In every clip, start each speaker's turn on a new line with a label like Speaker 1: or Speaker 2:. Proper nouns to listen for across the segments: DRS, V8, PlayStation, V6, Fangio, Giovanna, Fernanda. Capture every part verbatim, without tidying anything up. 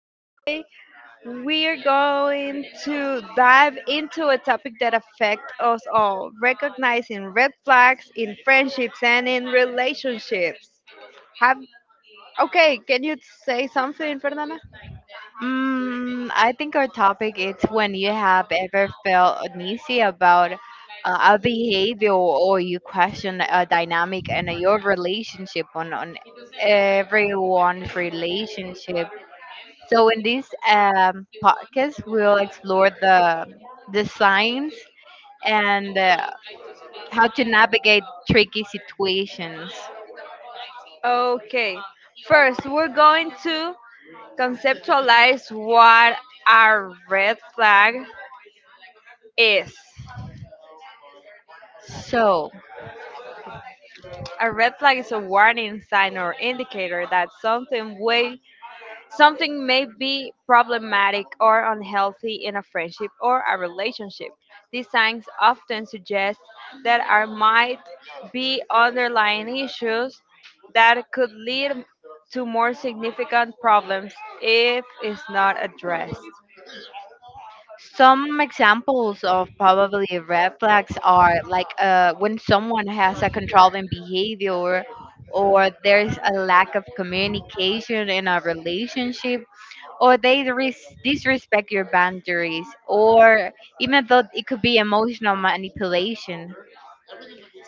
Speaker 1: and today we are going to dive into a topic that affects us all recognizing red flags in friendships and in relationships. Have okay, can you say something, Fernanda?
Speaker 2: mm, I think our topic is when you have ever felt uneasy about uh, a behavior or you question a dynamic and your relationship on, on everyone's relationship. So in this um, podcast, we'll explore the the signs and uh, how to navigate tricky situations.
Speaker 1: Okay, first, we're going to conceptualize what a red flag is.
Speaker 2: So.
Speaker 1: A red flag is a warning sign or indicator that something way something may be problematic or unhealthy in a friendship or a relationship. These signs often suggest that there might be underlying issues that could lead to more significant problems if it's not addressed.
Speaker 2: Some examples of probably red flags are like uh, when someone has a controlling behavior, or there's a lack of communication in a relationship, or they dis- disrespect your boundaries, or even though it could be emotional manipulation.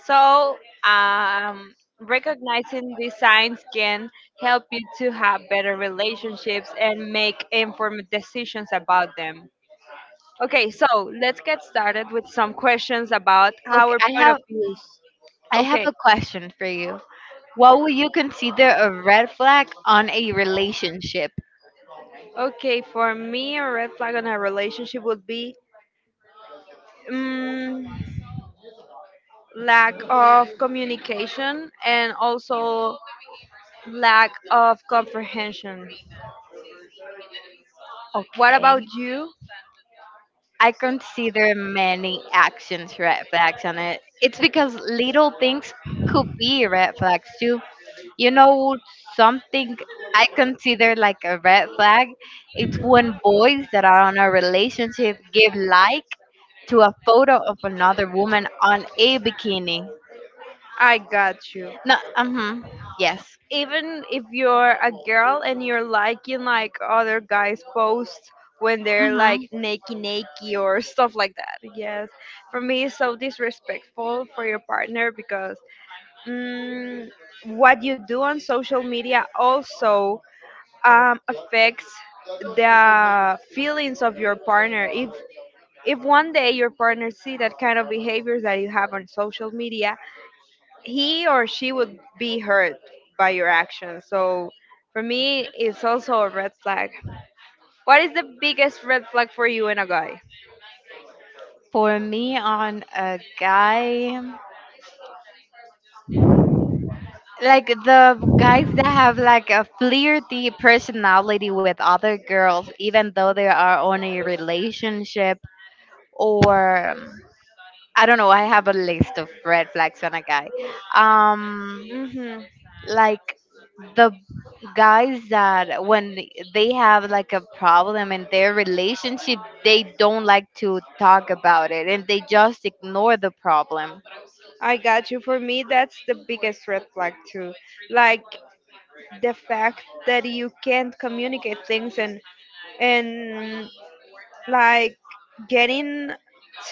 Speaker 1: So, um, Recognizing these signs can help you to have better relationships and make informed decisions about them. Okay, so let's get started with some questions about
Speaker 2: Okay,
Speaker 1: our
Speaker 2: I
Speaker 1: point of
Speaker 2: have
Speaker 1: views.
Speaker 2: I
Speaker 1: Okay,
Speaker 2: have a question for you. What would you consider a red flag on a relationship?
Speaker 1: okay, for me, a red flag on a relationship would be um, lack of communication and also lack of comprehension. What about
Speaker 2: Okay.
Speaker 1: you?
Speaker 2: I consider many actions red flags, and it, it's because little things could be red flags too. You know, something I consider like a red flag, it's when boys that are on a relationship give like to a photo of another woman on a bikini.
Speaker 1: I got you.
Speaker 2: No, uh-huh, yes.
Speaker 1: Even if you're a girl and you're liking like other guys posts when they're
Speaker 2: Mm-hmm.
Speaker 1: like naked naked or stuff like that, yes, for me it's so disrespectful for your partner because mm, what you do on social media also um, affects the feelings of your partner. If if one day your partner see that kind of behaviors that you have on social media, he or she would be hurt by your actions. So for me, it's also a red flag. What is the biggest red flag for you in a guy?
Speaker 2: For me, on a guy, like the guys that have like a flirty personality with other girls, even though they are on a relationship or um, I don't know, I have a list of red flags on a guy. Um,
Speaker 1: hmm
Speaker 2: like the guys that when they have like a problem in their relationship, they don't like to talk about it and they just ignore the problem.
Speaker 1: I got you. For me, that's the biggest red flag too. Like the fact that you can't communicate things, and and like getting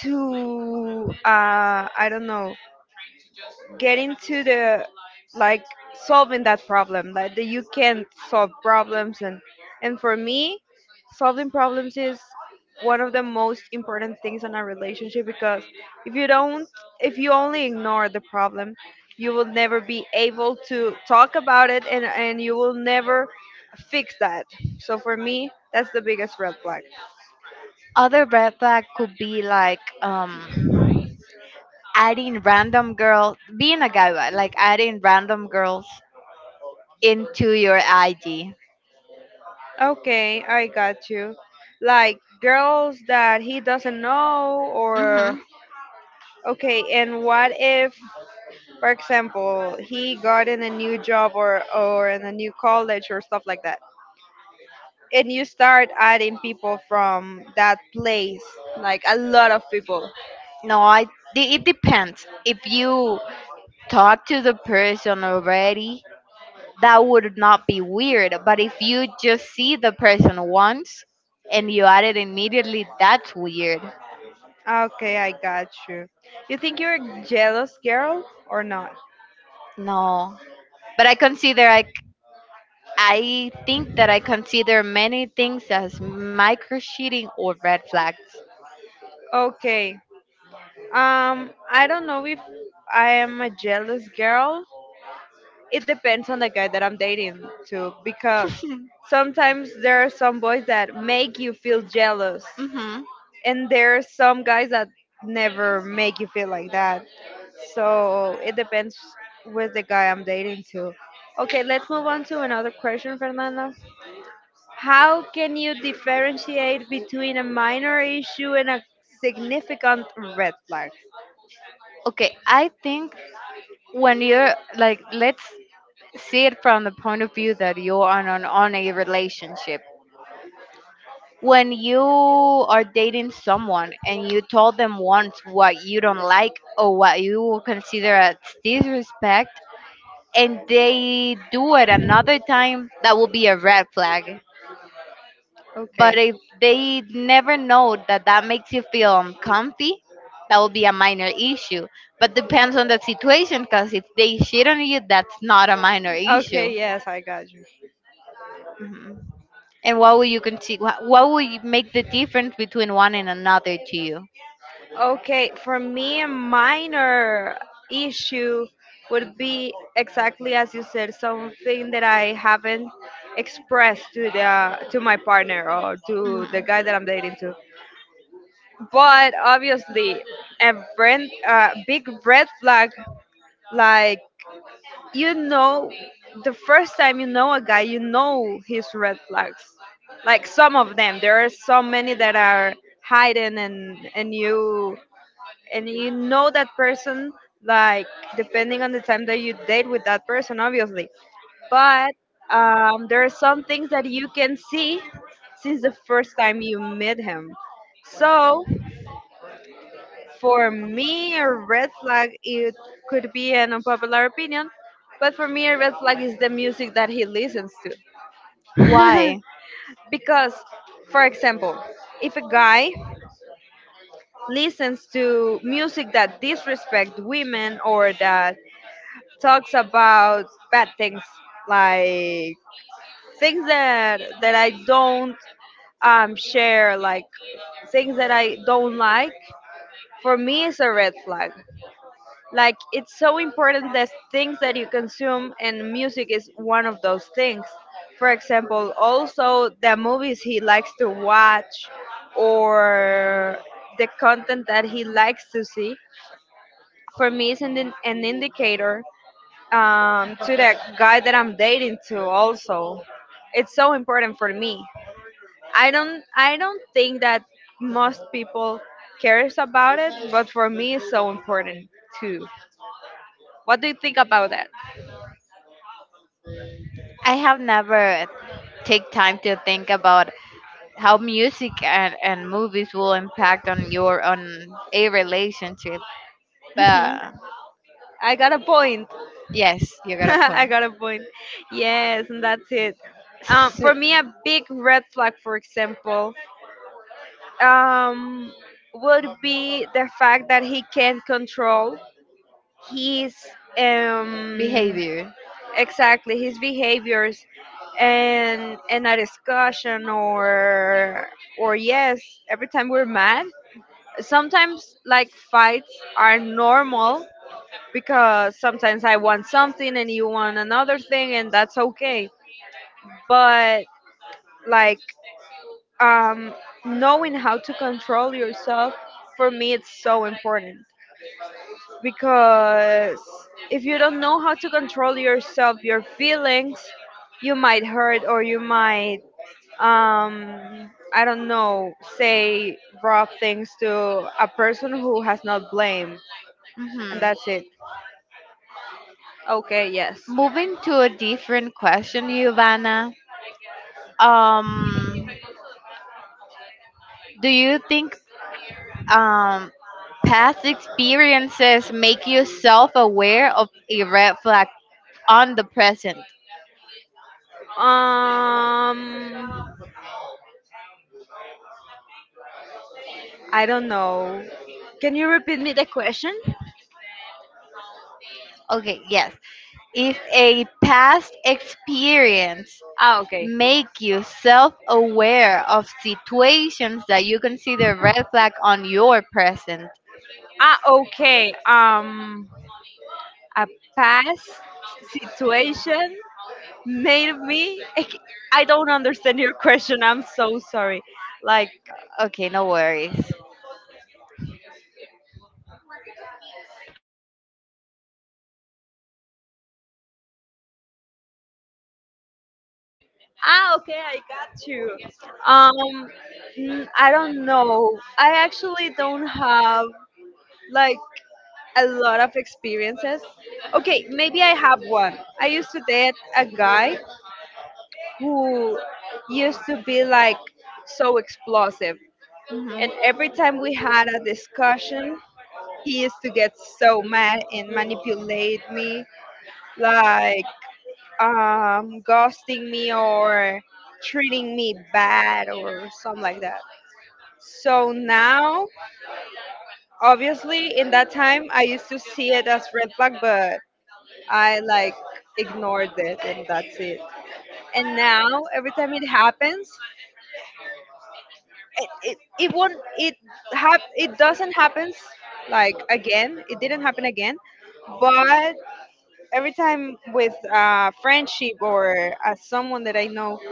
Speaker 1: to uh I don't know, get into the, like, solving that problem, like that you can't solve problems, and and for me, solving problems is one of the most important things in a relationship because if you don't if you only ignore the problem, you will never be able to talk about it, and and you will never fix that. So for me, that's the biggest red flag.
Speaker 2: Other red flag could be like um adding random girls, being a gaiba, like adding random girls into your I G.
Speaker 1: Okay, I got you. Like girls that he doesn't know,
Speaker 2: Hmm.
Speaker 1: or okay, and what if, for example, he got in a new job or or in a new college or stuff like that, and you start adding people from that place, like a lot of people.
Speaker 2: No, I. de- It depends. If you talk to the person already, that would not be weird. But if you just see the person once and you add it immediately, that's weird.
Speaker 1: Okay, I got you. You think you're a jealous girl or not?
Speaker 2: No, but I consider I. c- I think that I consider many things as micro cheating or red flags.
Speaker 1: Okay. Um, I don't know if I am a jealous girl. It depends on the guy that I'm dating too, because sometimes there are some boys that make you feel jealous,
Speaker 2: Hmm.
Speaker 1: and there are some guys that never make you feel like that. So it depends with the guy I'm dating too. Okay, let's move on to another question, Fernando. How can you differentiate between a minor issue and a significant red flag?
Speaker 2: Okay, I think when you're like let's see it from the point of view that you're on an, on a relationship, when you are dating someone and you told them once what you don't like or what you consider as disrespect, and they do it another time, that will be a red flag. But
Speaker 1: Okay.
Speaker 2: if they never know that that makes you feel uncomfy, that will be a minor issue. But depends on the situation, because if they shit on you, that's not a minor issue.
Speaker 1: Okay, yes, I got you.
Speaker 2: Mhm. And what would you consider? What, what would you make the difference between one and another to you?
Speaker 1: Okay, for me, a minor issue would be exactly as you said, something that I haven't expressed to the to my partner or to the
Speaker 2: Hmm.
Speaker 1: guy that I'm dating to. But obviously, a red, uh, big red flag, like, you know, the first time you know a guy, you know his red flags. Like some of them, there are so many that are hidden, and and you, and you know that person, like, depending on the time that you date with that person, obviously. But um, there are some things that you can see since the first time you met him. So for me, a red flag, it could be an unpopular opinion, but for me, a red flag is the music that he listens to.
Speaker 2: Why?
Speaker 1: Because, for example, if a guy listens to music that disrespect women or that talks about bad things, like things that that I don't um, share, like things that I don't like. For me, it's a red flag. Like it's so important that things that you consume, and music is one of those things. For example, also the movies he likes to watch, or the content that he likes to see. For me, is an, an indicator um, to the guy that I'm dating to also. It's so important for me. I don't I don't think that most people cares about it, but for me it's so important too. What do you think about that?
Speaker 2: I have never take time to think about how music and, and movies will impact on your on a relationship.
Speaker 1: hmm
Speaker 2: But
Speaker 1: I got a point.
Speaker 2: yes, you got a
Speaker 1: I
Speaker 2: point.
Speaker 1: got a point. Yes, and that's it. Um,
Speaker 2: So,
Speaker 1: for me, a big red flag, for example, um, would be the fact that he can't control his, um,
Speaker 2: behavior.
Speaker 1: exactly his behaviors, and in a discussion or or yes every time we're mad, sometimes like fights are normal because sometimes I want something and you want another thing, and that's okay. But, like, um knowing how to control yourself, for me, it's so important. Because if you don't know how to control yourself, your feelings, you might hurt, or you might, um, I don't know, say raw things to a person who has not blame, and
Speaker 2: Hmm.
Speaker 1: that's it. Okay, yes.
Speaker 2: Moving to a different question, Giovanna. Um, do you think um past experiences make you self aware of a red flag on the present.
Speaker 1: Um, I don't know. Can you repeat me the question?
Speaker 2: Okay, yes. If a past experience
Speaker 1: Ah, okay.
Speaker 2: make you self aware of situations that you consider red flag on your present.
Speaker 1: Ah, okay. Um, a past situation made of me? Ec- I don't understand your question. I'm so sorry. Like,
Speaker 2: Okay, no worries.
Speaker 1: ah, okay, I got you. Um, mm, I don't know. I actually don't have, like, a lot of experiences. Okay, maybe I have one. I used to date a guy who used to be like so explosive,
Speaker 2: Hmm.
Speaker 1: and every time we had a discussion, he used to get so mad and manipulate me, like, um, ghosting me or treating me bad or something like that. So now, obviously, in that time, I used to see it as red flag, but I, like, ignored it, and that's it. And now, every time it happens, it it, it won't it hap it doesn't happens like again. It didn't happen again, but every time with uh, friendship or as someone that I know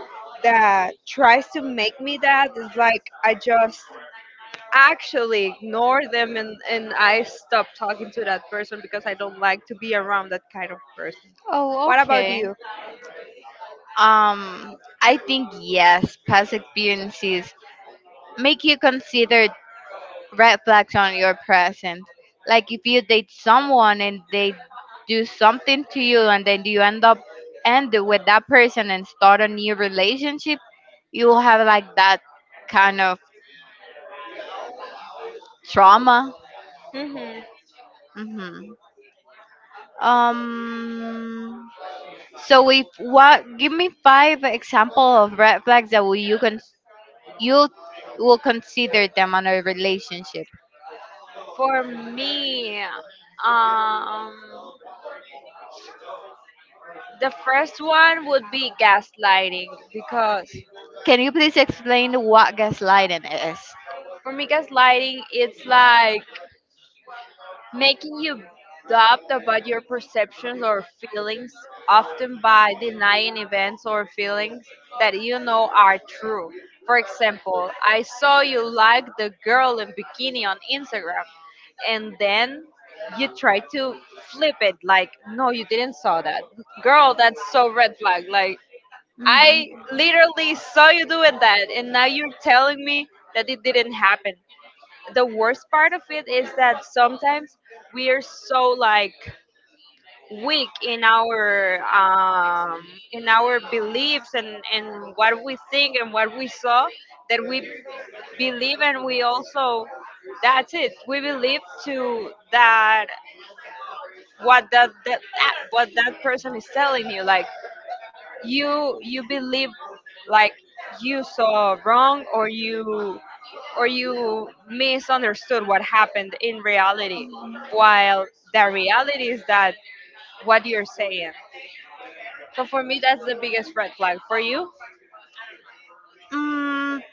Speaker 1: that tries to make me that is like, I just actually ignore them, and, and I stop talking to that person because I don't like to be around that kind of person.
Speaker 2: Oh,
Speaker 1: What about
Speaker 2: okay.
Speaker 1: you?
Speaker 2: Um, I think yes, past experiences make you consider red flags on your present. Like if you date someone and they do something to you and then you end up end it with that person and start a new relationship, you'll have like that kind of trauma.
Speaker 1: hmm
Speaker 2: Hmm. Um. So if what? Give me five example of red flags that will you can you will consider them on a relationship.
Speaker 1: For me, um, the first one would be gaslighting. Because
Speaker 2: Can you please explain what gaslighting is?
Speaker 1: for me, gaslighting it's like making you doubt about your perceptions or feelings, often by denying events or feelings that you know are true. For example, I saw you like the girl in bikini on Instagram, and then you try to flip it like, no, you didn't saw that. Girl, that's so red flag. Like, I literally saw you doing that, and now you're telling me that it didn't happen. The worst part of it is that sometimes we are so, like, weak in our um in our beliefs, and and what we think and what we saw, that we believe, and we also, that's it, we believe to that, what that, that, that what that person is telling you. Like you you believe, like, you saw wrong, or you or you misunderstood what happened in reality. While the reality is that what you're saying. So for me, that's the biggest red flag for you.
Speaker 2: Mhm.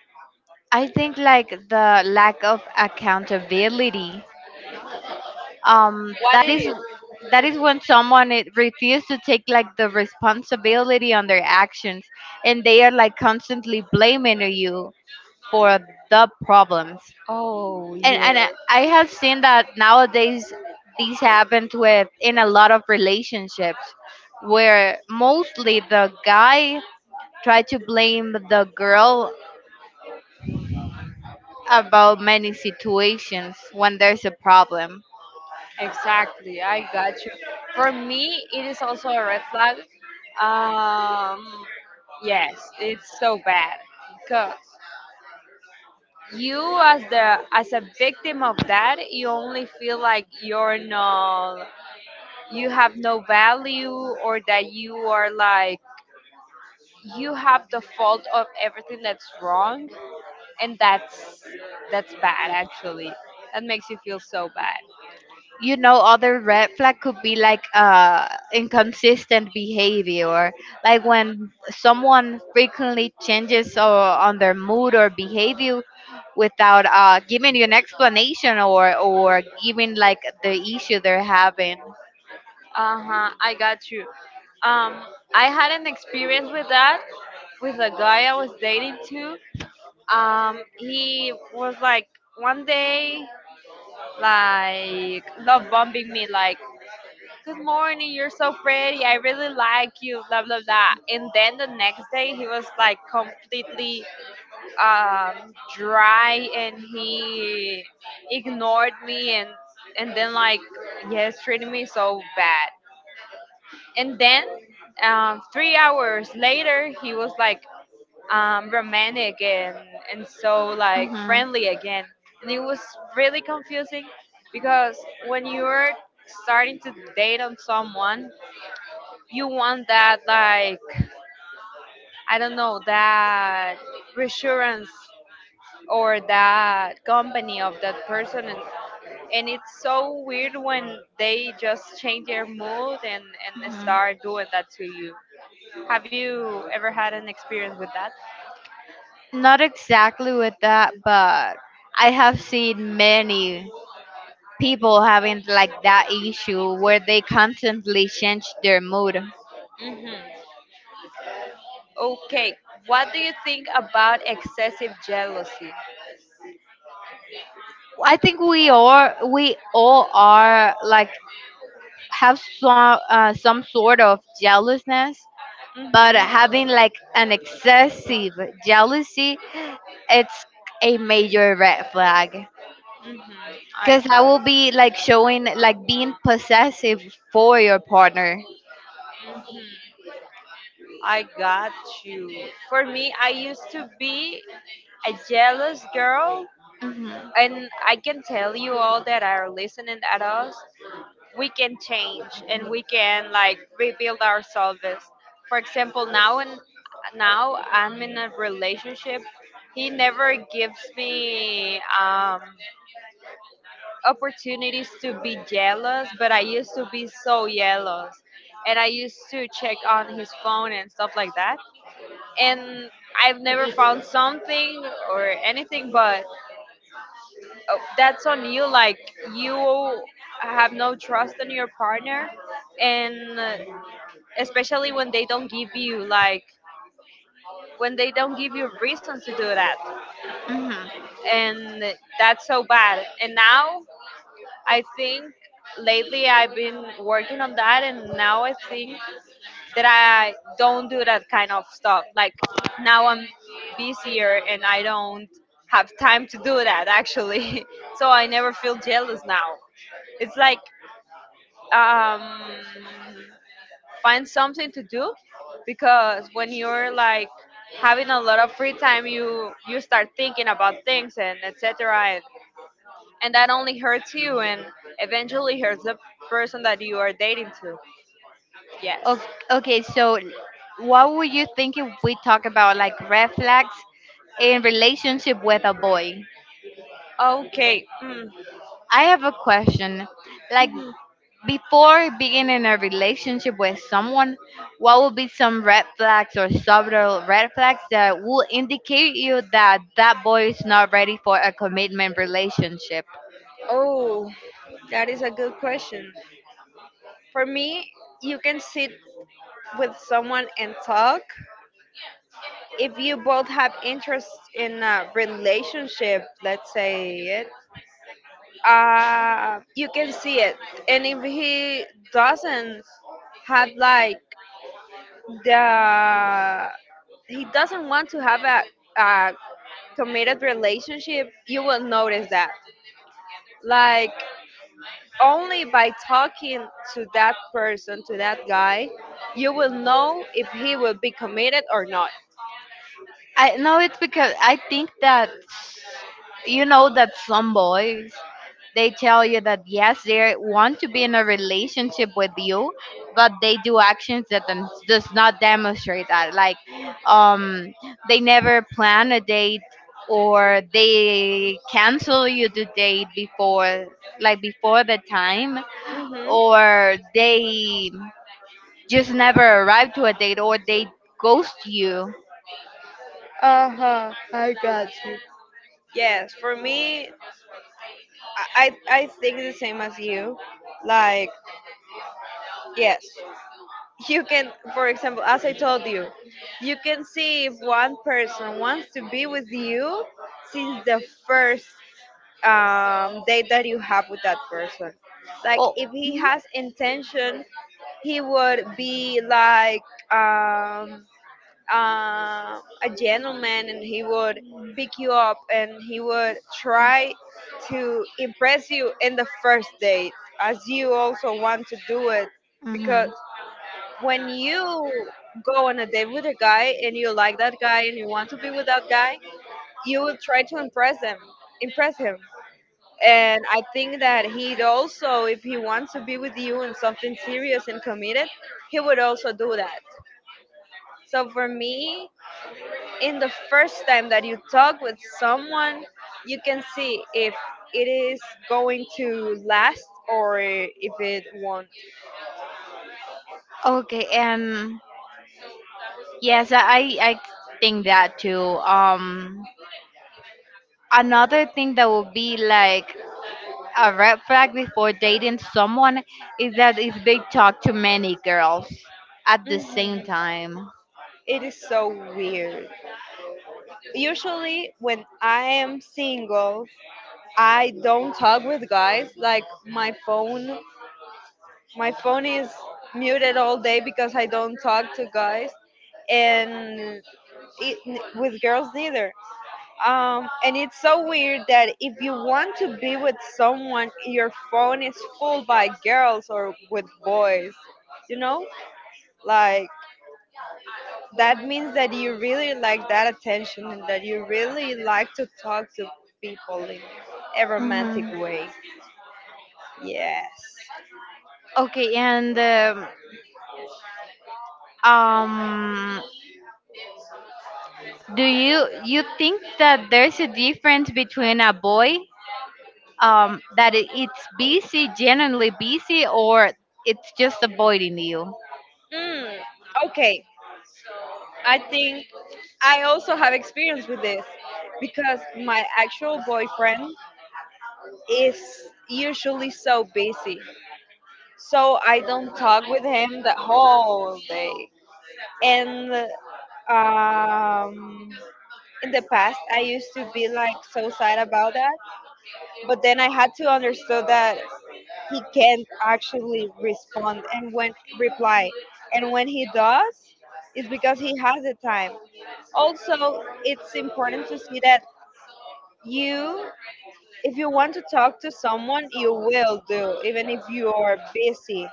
Speaker 2: I think like the lack of accountability. Um,
Speaker 1: What
Speaker 2: that
Speaker 1: it
Speaker 2: is
Speaker 1: is.
Speaker 2: that is when someone it refuses to take like the responsibility on their actions, and they are like constantly blaming you for the problems.
Speaker 1: Oh,
Speaker 2: And
Speaker 1: yes,
Speaker 2: and I I have seen that nowadays these happens with in a lot of relationships, where mostly the guy try to blame the girl about many situations when there's a problem.
Speaker 1: exactly, I got you. For me, it is also a red flag. um yes, it's so bad because you as the as a victim of that, you only feel like you're no you have no value, or that you are, like, you have the fault of everything that's wrong. And that's that's bad actually. That makes you feel so bad.
Speaker 2: You know, other red flag could be like uh, inconsistent behavior, like when someone frequently changes uh, on their mood or behavior without uh, giving you an explanation or or giving like the issue they're having.
Speaker 1: Uh-huh, I got you. Um I had an experience with that, with a guy I was dating too. Um he was like one day, like, love bombing me, like, good morning, you're so pretty, I really like you, blah blah blah. And then the next day he was like completely um dry, and he ignored me, and and then like, yes, treated me so bad. And then um, three hours later he was like um, romantic and and so like
Speaker 2: Hmm.
Speaker 1: friendly again. And it was really confusing because when you're starting to date on someone, you want that, like, I don't know, that reassurance or that company of that person. And and it's so weird when they just change their mood and and start
Speaker 2: Hmm.
Speaker 1: doing that to you. Have you ever had an experience with that?
Speaker 2: Not exactly with that, but I have seen many people having like that issue where they constantly change their mood.
Speaker 1: hmm Okay, what do you think about excessive jealousy?
Speaker 2: I think we are we all are like have some uh, some sort of jealousness, but
Speaker 1: Mhm.
Speaker 2: having like an excessive jealousy, it's a major red flag.
Speaker 1: Mhm. I
Speaker 2: Cause I
Speaker 1: got.
Speaker 2: will be like showing like being possessive for your partner.
Speaker 1: Mhm. I got you. For me, I used to be a jealous girl,
Speaker 2: Hmm.
Speaker 1: and I can tell you all that are listening at us, we can change and we can, like, rebuild ourselves. For example, now and now I'm in a relationship. He never gives me um opportunities to be jealous, but I used to be so jealous. And I used to check on his phone and stuff like that. And I've never found something or anything, but uh, that's on you. Like, you have no trust in your partner. And uh, Especially when they don't give you, like, when they don't give you reasons to do that.
Speaker 2: Hmm.
Speaker 1: And that's so bad. And now I think lately I've been working on that, and now I think that I don't do that kind of stuff. Like now I'm busier and I don't have time to do that actually. So I never feel jealous now. It's like um, find something to do because when you're like having a lot of free time you you start thinking about things and etc, and that only hurts you and eventually hurts the person that you are dating to. Yes.
Speaker 2: O- Okay, so what would you think if we talk about like red flags in relationship with a boy?
Speaker 1: Okay. Mm.
Speaker 2: I have a question. Like before being in a relationship with someone, what would be some red flags or subtle red flags that will indicate you that that boy is not ready for a commitment relationship?
Speaker 1: Oh, that is a good question. For me, you can sit with someone and talk if you both have interest in a relationship. Let's say it. Uh, you can see it, and if he doesn't have like the he doesn't want to have a, a committed relationship, you will notice that. Like, only by talking to that person, to that guy, you will know if he will be committed or not.
Speaker 2: I know it's because I think that you know that some boys, they tell you that yes they want to be in a relationship with you, but they do actions that then does not demonstrate that, like um they never plan a date, or they cancel you the date before, like before the time,
Speaker 1: Hmm
Speaker 2: or they just never arrive to a date, or they ghost you.
Speaker 1: Uh huh. I Yes, for me, I, I I think the same as you. Like, yes, you can, for example, as I told you, you can see if one person wants to be with you since the first um, date that you have with that person. Like
Speaker 2: Oh,
Speaker 1: if he
Speaker 2: mm-hmm.
Speaker 1: has intention, he would be like um, uh, a gentleman, and he would pick you up, and he would try to impress you in the first date, as you also want to do it,
Speaker 2: Mm-hmm.
Speaker 1: because when you go on a date with a guy and you like that guy and you want to be with that guy you will try to impress him impress him. And I think that he'd also, if he wants to be with you in something serious and committed, he would also do that. So for me, in the first time that you talk with someone, you can see if it is going to last or if it won't.
Speaker 2: Okay, and yes, I I think that too. Um, another thing that would be like a red flag before dating someone is that if they talk to many girls at the same
Speaker 1: Mhm.
Speaker 2: time.
Speaker 1: It is so weird. Usually, when I am single, I don't talk with guys. Like, my phone my phone is muted all day because I don't talk to guys and it, with girls neither. Um, and it's so weird that if you want to be with someone, your phone is full by girls or with boys, you know? Like, that means that you really like that attention and that you really like to talk to people in a romantic
Speaker 2: Mm-hmm.
Speaker 1: way. Yes.
Speaker 2: Okay, and um, um, do you you think that there's a difference between a boy um that it, it's busy, genuinely busy, or it's just avoiding you?
Speaker 1: Mm, okay. I think I also have experience with this because my actual boyfriend is usually so busy. So I don't talk with him the whole day. And um, in the past, I used to be like so sad about that. But then I had to understand that he can't actually respond and when reply. And when he does, it's because he has the time. Also, it's important to see that you, if you want to talk to someone, you will do, even if you are busy.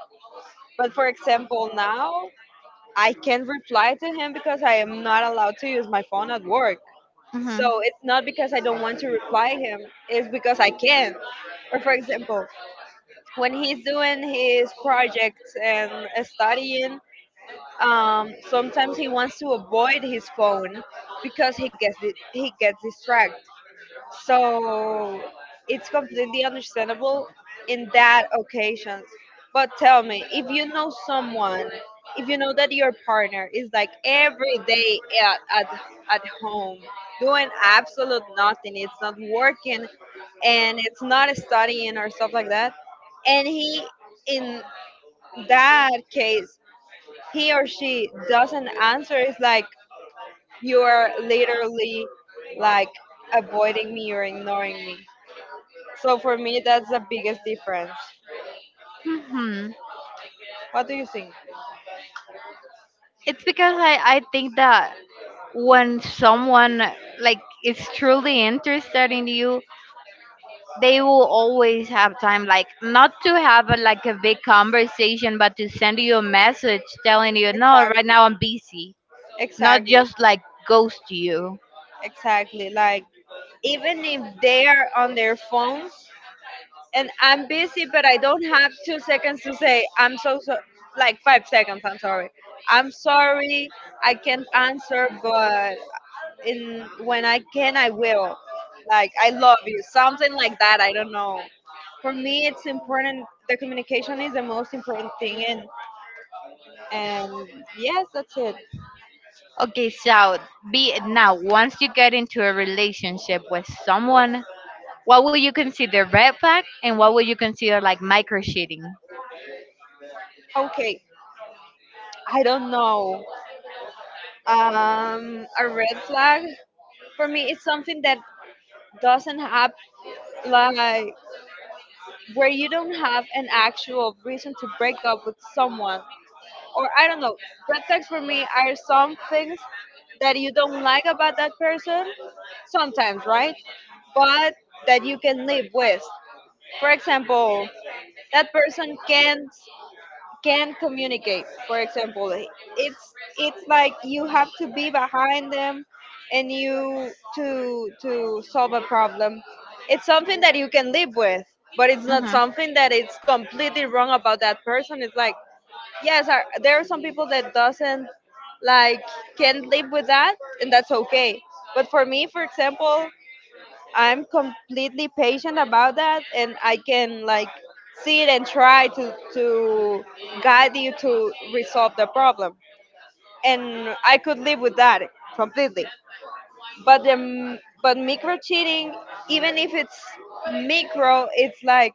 Speaker 1: But for example, now I can't reply to him because I am not allowed to use my phone at work.
Speaker 2: Mhm.
Speaker 1: So it's not because I don't want to reply him, it's because I can't. Or for example, when he's doing his projects and studying, um, sometimes he wants to avoid his phone because he gets di- he gets distracted. So it's completely understandable in that occasions. But tell me, if you know someone, if you know that your partner is like every day at, at, at home doing absolute nothing, it's not working and it's not studying or stuff like that, and he, in that case, he or she doesn't answer, it's like you are literally like avoiding me or ignoring me, so for me, that's the biggest difference.
Speaker 2: Mhm.
Speaker 1: What do you think?
Speaker 2: It's because I I think that when someone like is truly interested in you, they will always have time, like not to have a, like a big conversation, but to send you a message telling you no right
Speaker 1: Exactly,
Speaker 2: now I'm busy, not
Speaker 1: exactly,
Speaker 2: just like ghost you.
Speaker 1: exactly. Like even if they are on their phones and I'm busy, but I don't have two seconds to say I'm so, so like five seconds. I'm sorry. I'm sorry. I can't answer, but in when I can, I will. Like I love you, something like that. I don't know. For me, it's important. The communication is the most important thing in. And yes, that's it.
Speaker 2: Okay, so be now once you get into a relationship with someone, what would you consider red flag and what would you consider like micro cheating.
Speaker 1: Okay, I don't know. Um, a red flag for me is something that doesn't have like where you don't have an actual reason to break up with someone, or I don't know. Red flags for me are some things that you don't like about that person sometimes, right? But that you can live with. For example, that person can't can communicate. For example, it's it's like you have to be behind them and you to to solve a problem. It's something that you can live with, but it's not something that it's completely wrong about that person. It's like yes, are, there are some people that doesn't like can live with that, and that's okay. But for me, for example, I'm completely patient about that, and I can like see it and try to to guide you to resolve the problem. And I could live with that completely. But the but micro cheating, even if it's micro, it's like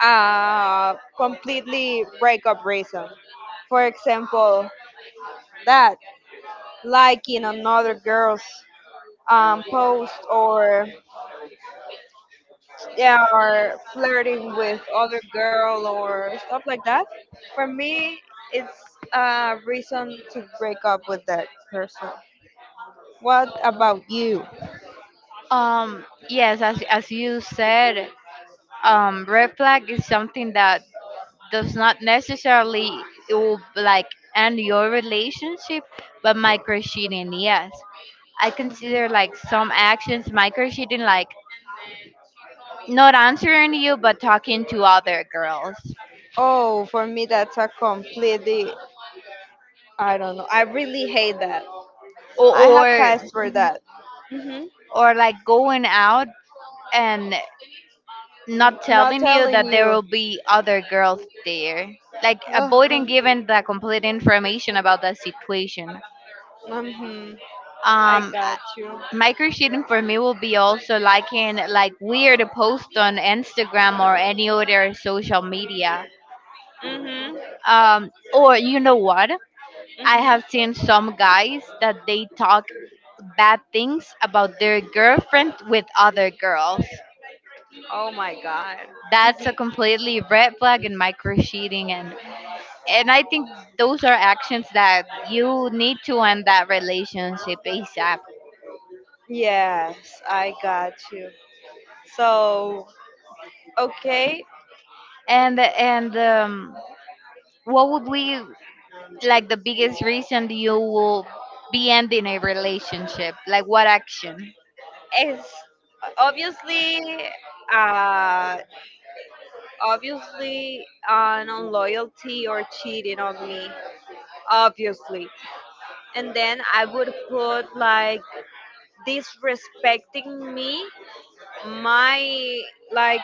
Speaker 1: a completely breakup reason. For example, that liking another girl's um, post, or they are flirting with other girl or stuff like that, for me it's a reason to break up with that person. What about you?
Speaker 2: Um, yes, as as you said, um, red flag is something that does not necessarily it will like end your relationship, but micro cheating, yes. I consider like some actions micro cheating, like not answering you but talking to other girls,
Speaker 1: Oh, for me that's a completely, I don't know, I really hate that. I
Speaker 2: or
Speaker 1: have
Speaker 2: or,
Speaker 1: passed for that. Hmm
Speaker 2: or like going out and
Speaker 1: N-
Speaker 2: not
Speaker 1: not
Speaker 2: telling you
Speaker 1: telling
Speaker 2: that there
Speaker 1: you.
Speaker 2: will be other girls there, like avoiding
Speaker 1: uh
Speaker 2: giving the complete information about the situation.
Speaker 1: hmm I
Speaker 2: um I-
Speaker 1: got you.
Speaker 2: Microcheating for me will be also liking like weird post on Instagram or any other social media,
Speaker 1: Hmm
Speaker 2: um or you know what, I have
Speaker 1: hmm
Speaker 2: seen some guys that they talk bad things about their girlfriend with other girls.
Speaker 1: Oh my god.
Speaker 2: That's a completely red flag in micro cheating, and and I think those are actions that you need to end that relationship ASAP.
Speaker 1: Yes, I got you. So okay,
Speaker 2: And and um, what would be like the biggest reason you will be ending a relationship? Like what action?
Speaker 1: it's obviously uh obviously an unloyalty or cheating on me, obviously. And then I would put like disrespecting me, my, like,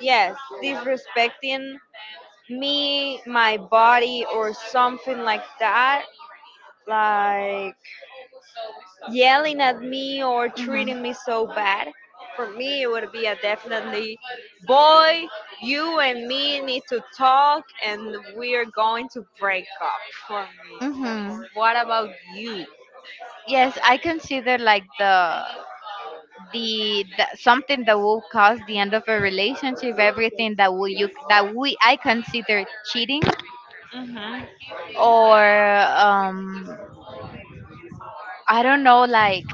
Speaker 1: yes, disrespecting me, my body or something like that, like yelling at me or
Speaker 2: Mhm.
Speaker 1: treating me so bad. For me, it would be a definitely, boy, you and me need to talk and we are going to break up for me.
Speaker 2: Mhm.
Speaker 1: What about you?
Speaker 2: Yes, I consider like the the, the something that will cause the end of a relationship, everything that will you that we I consider cheating,
Speaker 1: Hmm
Speaker 2: or um I don't know, like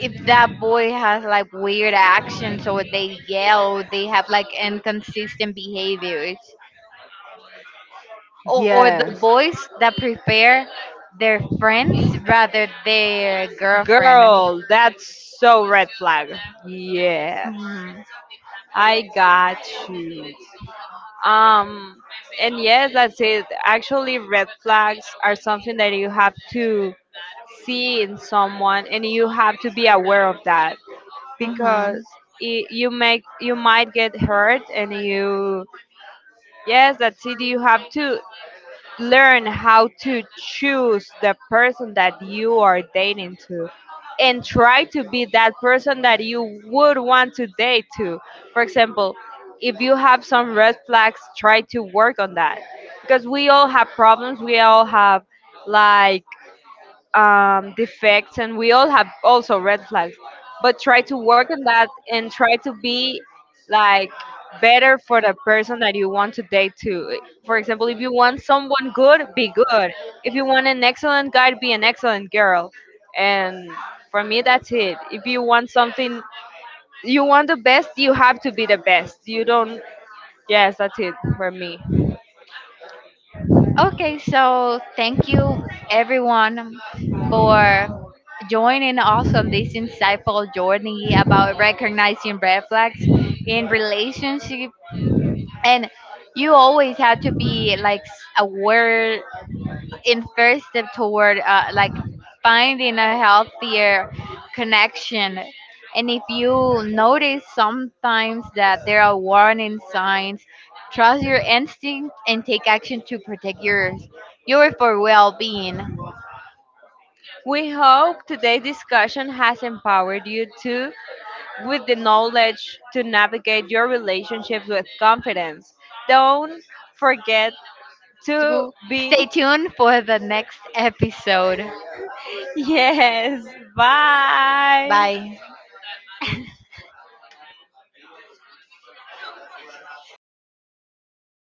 Speaker 2: if that boy has like weird actions, or they yell, they have like inconsistent behaviors, or, or the
Speaker 1: Yes.
Speaker 2: boys that prefer their friends rather their girlfriend.
Speaker 1: Girl, that's so red flag. Yes.
Speaker 2: Hmm.
Speaker 1: I got you. Um, and yes, that's it. Actually, red flags are something that you have to see in someone, and you have to be aware of that
Speaker 2: Hmm.
Speaker 1: because it, you make you might get hurt, and you, yes, that's it. You have to learn how to choose the person that you are dating to and try to be that person that you would want to date to. For example, if you have some red flags try to work on that because we all have problems, we all have like um, defects, and we all have also red flags, but try to work on that and try to be like better for the person that you want to date to. For example, if you want someone good be good, if you want an excellent guy be an excellent girl. And for me that's it. If you want something, you want the best you have to be the best, you don't, yes that's it for me.
Speaker 2: Okay, so thank you everyone for joining us on this insightful journey about recognizing red flags in relationship, and you always have to be like s- aware in first step toward uh, like finding a healthier connection. And if you notice sometimes that there are warning signs, trust your instinct and take action to protect yours your for well-being.
Speaker 1: We hope today's discussion has empowered you to, with the knowledge to navigate your relationships with confidence. Don't forget to
Speaker 2: To stay
Speaker 1: be.
Speaker 2: tuned for the next episode.
Speaker 1: Yes. Bye.
Speaker 2: Bye.